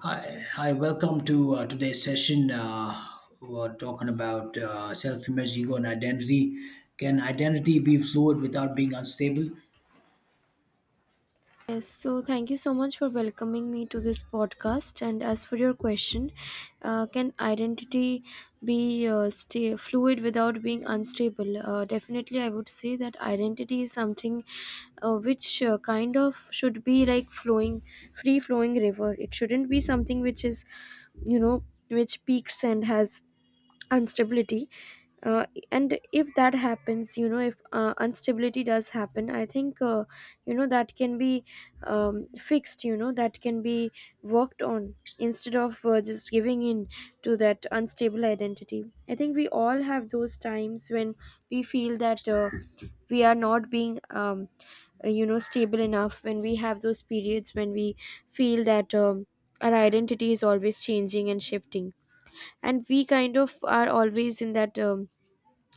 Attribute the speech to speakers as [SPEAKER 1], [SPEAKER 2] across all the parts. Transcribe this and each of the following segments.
[SPEAKER 1] Hi, hi, welcome to today's session. We're talking about self image, ego, and identity. Can identity be fluid without being unstable?
[SPEAKER 2] Yes, so thank you so much for welcoming me to this podcast. And as for your question, can identity be stay fluid without being unstable? Definitely, I would say that identity is something which kind of should be like flowing, free flowing river. It shouldn't be something which is, you know, which peaks and has instability. And if that happens if instability does happen, I think that can be fixed, that can be worked on instead of just giving in to that unstable identity. I think we all have those times when we feel that we are not being stable enough, when we have those periods when we feel that our identity is always changing and shifting, and we kind of are always in that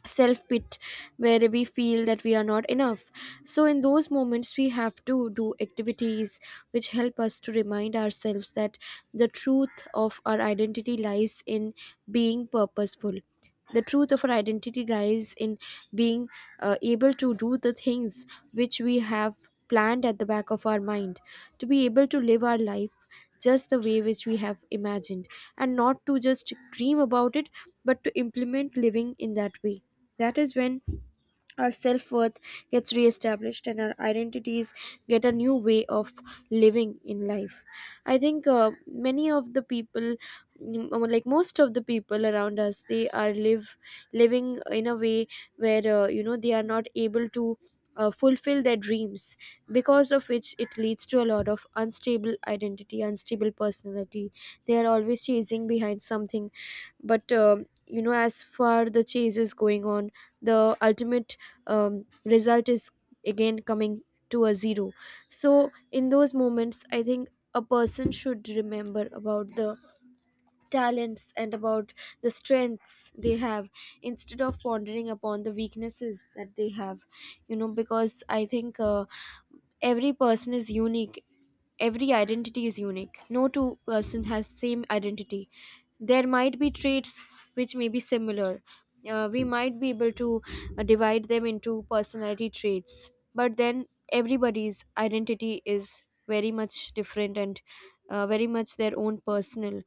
[SPEAKER 2] self pit where we feel that we are not enough. So in those moments we have to do activities which help us to remind ourselves that the truth of our identity lies in being purposeful. The truth of our identity lies in being able to do the things which we have planned at the back of our mind, to be able to live our life just the way which we have imagined, and not to just dream about it, but to implement living in that way. That is when our self-worth gets reestablished and our identities get a new way of living in life. I think many of the people, or like most of the people around us, they are live living in a way where they are not able to fulfill their dreams, because of which it leads to a lot of unstable identity, unstable personality. They are always chasing behind something, but as far the chase is going on, the ultimate result is again coming to a zero. So in those moments I think a person should remember about the talents and about the strengths they have, instead of pondering upon the weaknesses that they have. Because I think every person is unique, every identity is unique, no two-person has same identity. There might be traits which may be similar. We might be able to divide them into personality traits, but then everybody's identity is very much different and very much their own personal.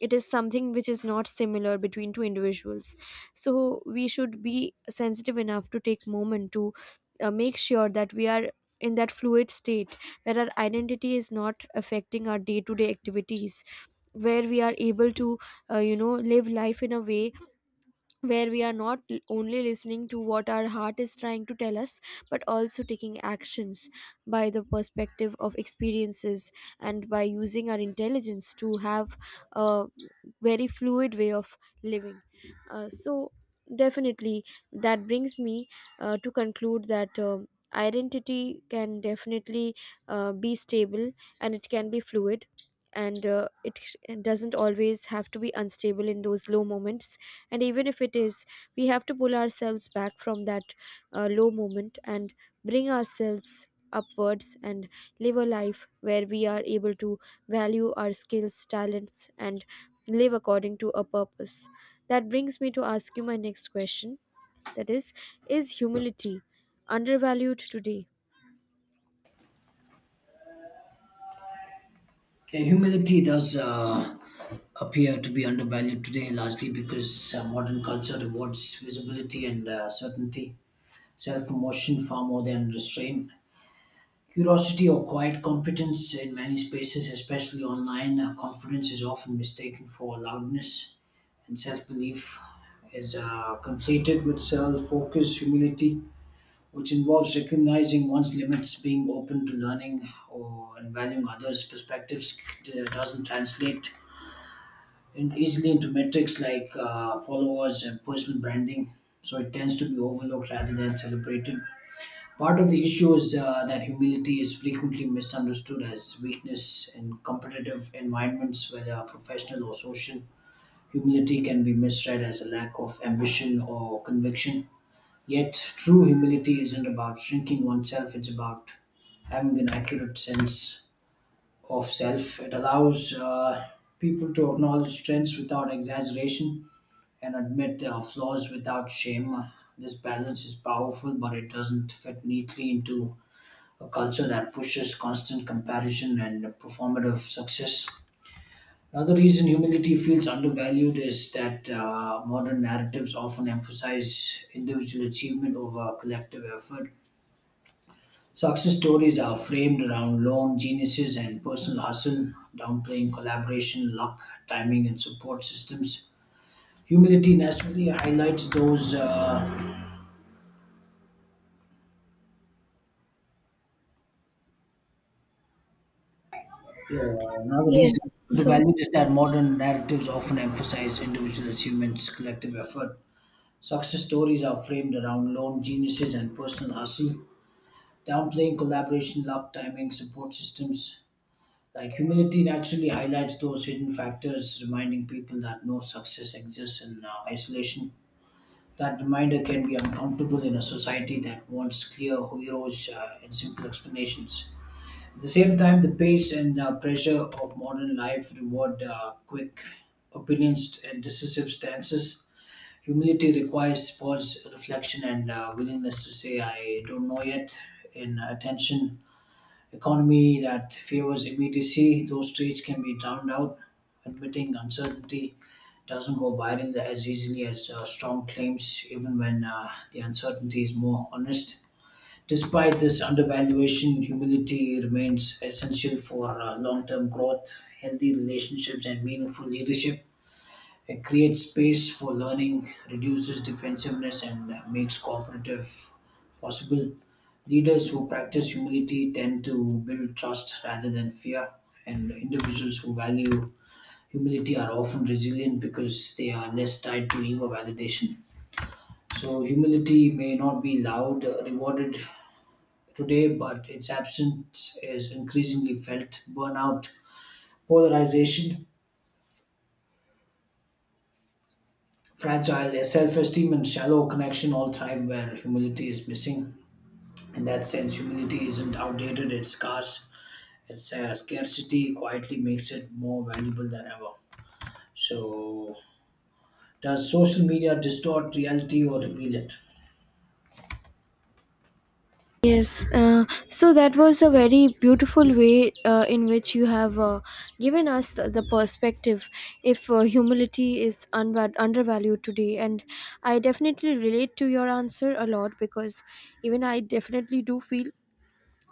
[SPEAKER 2] It is something which is not similar between two individuals. So we should be sensitive enough to take moment to make sure that we are in that fluid state, where our identity is not affecting our day to day activities, where we are able to live life in a way where we are not only listening to what our heart is trying to tell us, but also taking actions by the perspective of experiences, and by using our intelligence to have a very fluid way of living. So definitely, that brings me to conclude that identity can definitely be stable, and it can be fluid, and it doesn't always have to be unstable in those low moments. And even if it is, we have to pull ourselves back from that low moment and bring ourselves upwards, and live a life where we are able to value our skills, talents, and live according to a purpose. That brings me to ask you my next question, that is humility undervalued today?
[SPEAKER 1] Okay, humility does appear to be undervalued today, largely because modern culture rewards visibility and certainty, self promotion far more than restraint. Curiosity or quiet competence in many spaces, especially online, confidence is often mistaken for loudness, and self belief is conflated with self focus, humility, which involves recognizing one's limits, being open to learning, or and valuing others' perspectives. It doesn't translate in easily into metrics like followers and personal branding, so it tends to be overlooked rather than celebrated. Part of the issue is that humility is frequently misunderstood as weakness in competitive environments, whether professional or social. Humility can be misread as a lack of ambition or conviction. Yet, true humility isn't about shrinking oneself, it's about having an accurate sense of self. It allows people to acknowledge strengths without exaggeration and admit their flaws without shame. This balance is powerful, but it doesn't fit neatly into a culture that pushes constant comparison and performative success. Another reason humility feels undervalued is that modern narratives often emphasize individual achievement over collective effort. Success stories are framed around lone geniuses and personal hustle, downplaying collaboration, luck, timing, and support systems. Humility naturally highlights those. Yeah, another reason
[SPEAKER 2] Yes. So.
[SPEAKER 1] undervalued is that modern narratives often emphasize individual achievements, collective effort. Success stories are framed around lone geniuses and personal hustle, downplaying collaboration, luck, timing, support systems. Like humility naturally highlights those hidden factors, reminding people that no success exists in isolation. That reminder can be uncomfortable in a society that wants clear heroes and simple explanations. At the same time, the pace and pressure of modern life reward quick opinions and decisive stances. Humility requires pause, reflection, and willingness to say, I don't know yet, in attention. Economy that favors immediacy, those traits can be drowned out. Admitting uncertainty doesn't go viral as easily as strong claims, even when the uncertainty is more honest. Despite this undervaluation, humility remains essential for long term growth, healthy relationships, and meaningful leadership. It creates space for learning, reduces defensiveness, and makes cooperative possible. Leaders who practice humility tend to build trust rather than fear, and individuals who value humility are often resilient because they are less tied to ego validation. So, humility may not be loud, rewarded today, but its absence is increasingly felt. Burnout, polarization, fragile. A self esteem and shallow connection all thrive where humility is missing. In that sense, humility isn't outdated, it's scarce. Its scarcity quietly makes it more valuable than ever. So, does social media distort reality or reveal it?
[SPEAKER 2] Yes, so that was a very beautiful way in which you have given us the perspective if humility is undervalued today. And I definitely relate to your answer a lot because even I definitely do feel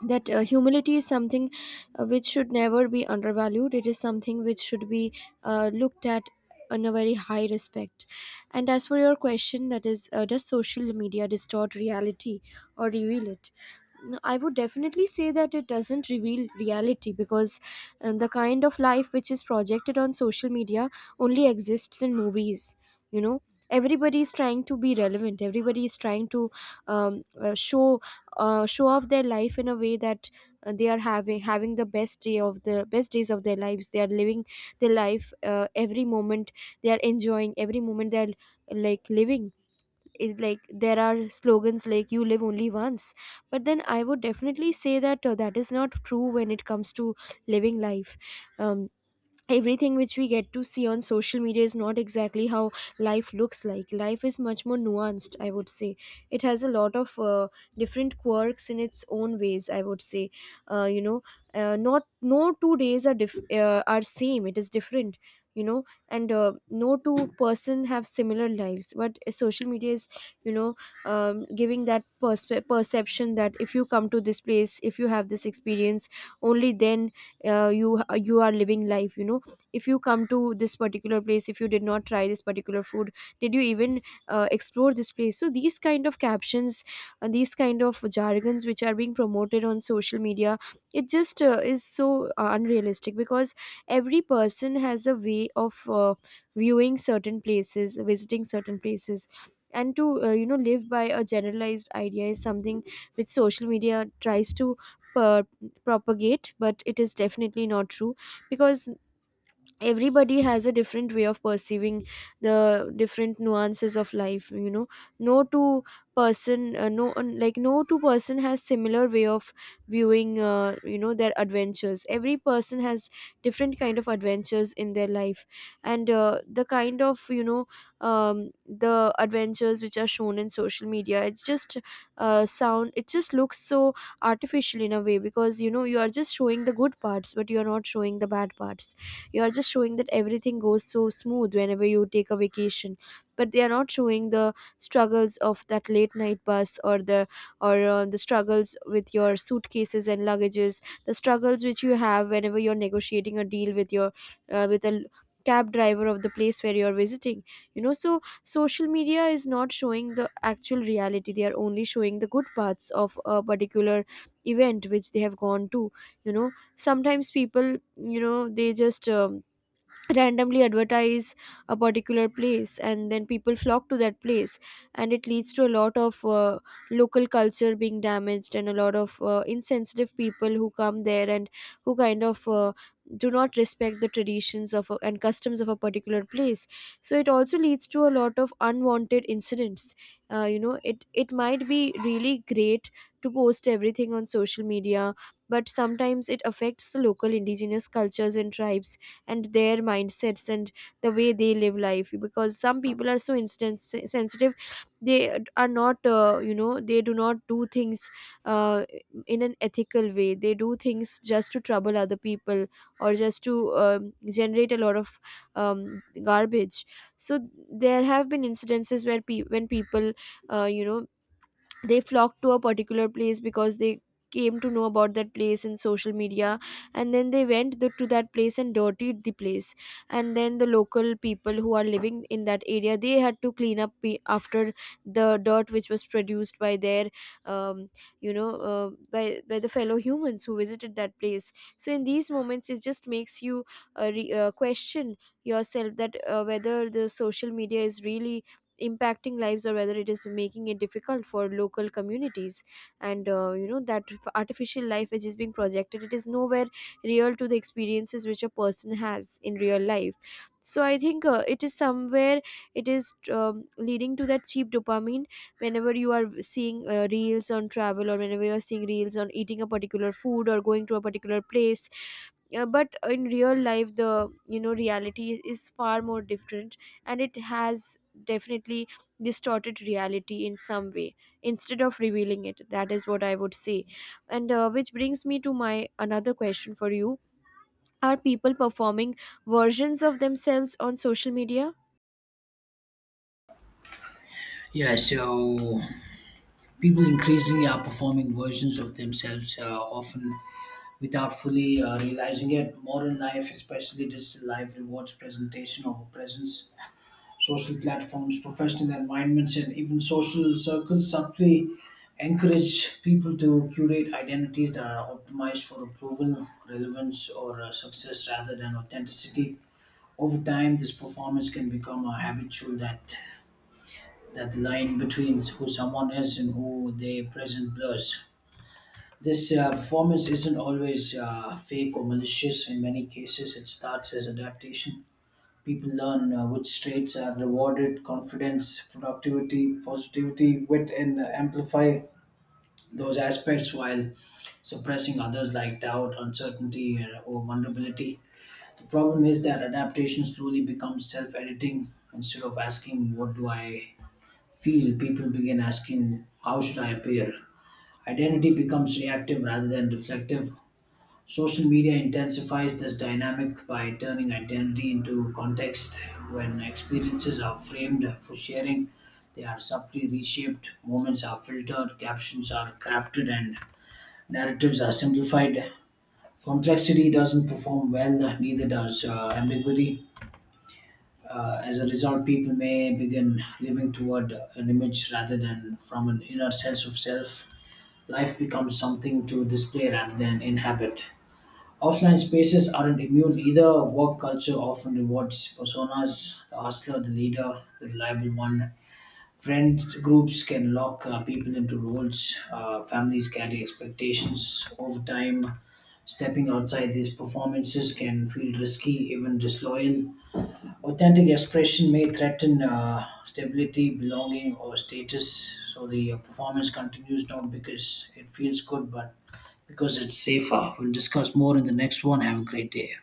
[SPEAKER 2] that humility is something which should never be undervalued. It is something which should be looked at in a very high respect. And as for your question, that is, does social media distort reality or reveal it? No, I would definitely say that it doesn't reveal reality because the kind of life which is projected on social media only exists in movies. you know Everybody is trying to be relevant, everybody is trying to um, uh, show show off their life in a way that they are having the best day of the best days of their lives. They are living their life every moment, they are enjoying every moment, they are like living it, like there are slogans like you live only once. But then I would definitely say that that is not true when it comes to living life. um, Everything which we get to see on social media is not exactly how life looks like. Life is much more nuanced, I would say. It has a lot of different quirks in its own ways, I would say. uh, you know not No 2 days are same, it is different. you know and no two-person have similar lives. But social media is, you know giving that perception that if you come to this place, if you have this experience, only then uh, you you are living life. If you come to this particular place, if you did not try this particular food, did you even explore this place? So these kind of captions, these kind of jargons which are being promoted on social media, it just is so unrealistic, because every person has a way of viewing certain places, visiting certain places. And to live by a generalized idea is something which social media tries to uh, propagate, but it is definitely not true. Because everybody has a different way of perceiving the different nuances of life. No two no two person has similar way of viewing their adventures. Every person has different kind of adventures in their life. And the kind of you know the adventures which are shown in social media, it just looks so artificial in a way. Because you are just showing the good parts, but you are not showing the bad parts. You are just showing that everything goes so smooth whenever you take a vacation. But they are not showing the struggles of that late night bus, or the struggles with your suitcases and luggages, the struggles which you have whenever you're negotiating a deal with a cab driver of the place where you're visiting. So social media is not showing the actual reality, they are only showing the good parts of a particular event which they have gone to. you know Sometimes people, they just randomly advertise a particular place, and then people flock to that place. And it leads to a lot of local culture being damaged, and a lot of insensitive people who come there and who kind of do not respect the traditions and customs of a particular place. So it also leads to a lot of unwanted incidents. It might be really great to post everything on social media, but sometimes it affects the local indigenous cultures and tribes, and their mindsets and the way they live life, because some people are so instant sensitive. They are not, they do not do things uh, in an ethical way, they do things just to trouble other people, or just to generate a lot of garbage. So there have been incidences where when people uh, you know they flocked to a particular place because they came to know about that place in social media. And then they went to that place and dirtied the place. And then the local people who are living in that area, they had to clean up after the dirt which was produced by their um, by the fellow humans who visited that place. So in these moments it just makes you question yourself that whether the social media is really impacting lives, or whether it is making it difficult for local communities. And that artificial life which is being projected, it is nowhere real to the experiences which a person has in real life. So I think it is somewhere, it is leading to that cheap dopamine whenever you are seeing reels on travel, or whenever you are seeing reels on eating a particular food or going to a particular place. But in real life, the reality is far more different, and it has definitely distorted reality in some way instead of revealing it. That is what I would say. And which brings me to my another question for you. Are people performing versions of themselves on social media?
[SPEAKER 1] Yeah, so people increasingly are performing versions of themselves, often without fully realizing it. Modern life, especially digital life, rewards presentation over presence. Social platforms, professional environments, and even social circles subtly encourage people to curate identities that are optimized for approval, relevance, or success rather than authenticity. Over time, this performance can become a habitual that the line between who someone is and who they present blurs. This performance isn't always fake or malicious. In many cases, it starts as adaptation. People learn which traits are rewarded confidence, productivity, positivity, wit, and amplify those aspects while suppressing others like doubt, uncertainty, or vulnerability. The problem is that adaptation slowly becomes self editing. Instead of asking, what do I feel? People begin asking, how should I appear? Identity becomes reactive rather than reflective. Social media intensifies this dynamic by turning identity into context. When experiences are framed for sharing, they are subtly reshaped, moments are filtered, captions are crafted, and narratives are simplified. Complexity doesn't perform well, neither does ambiguity. As a result, people may begin living toward an image rather than from an inner sense of self. Life becomes something to display rather than inhabit. Offline spaces aren't immune either. Work culture often rewards personas the hustler, the leader, the reliable one. Friend groups can lock people into roles. Families carry expectations over time. Stepping outside these performances can feel risky, even disloyal. Authentic expression may threaten stability, belonging, or status. So the performance continues not because it feels good, but because it's safer. We'll discuss more in the next one. Have a great day.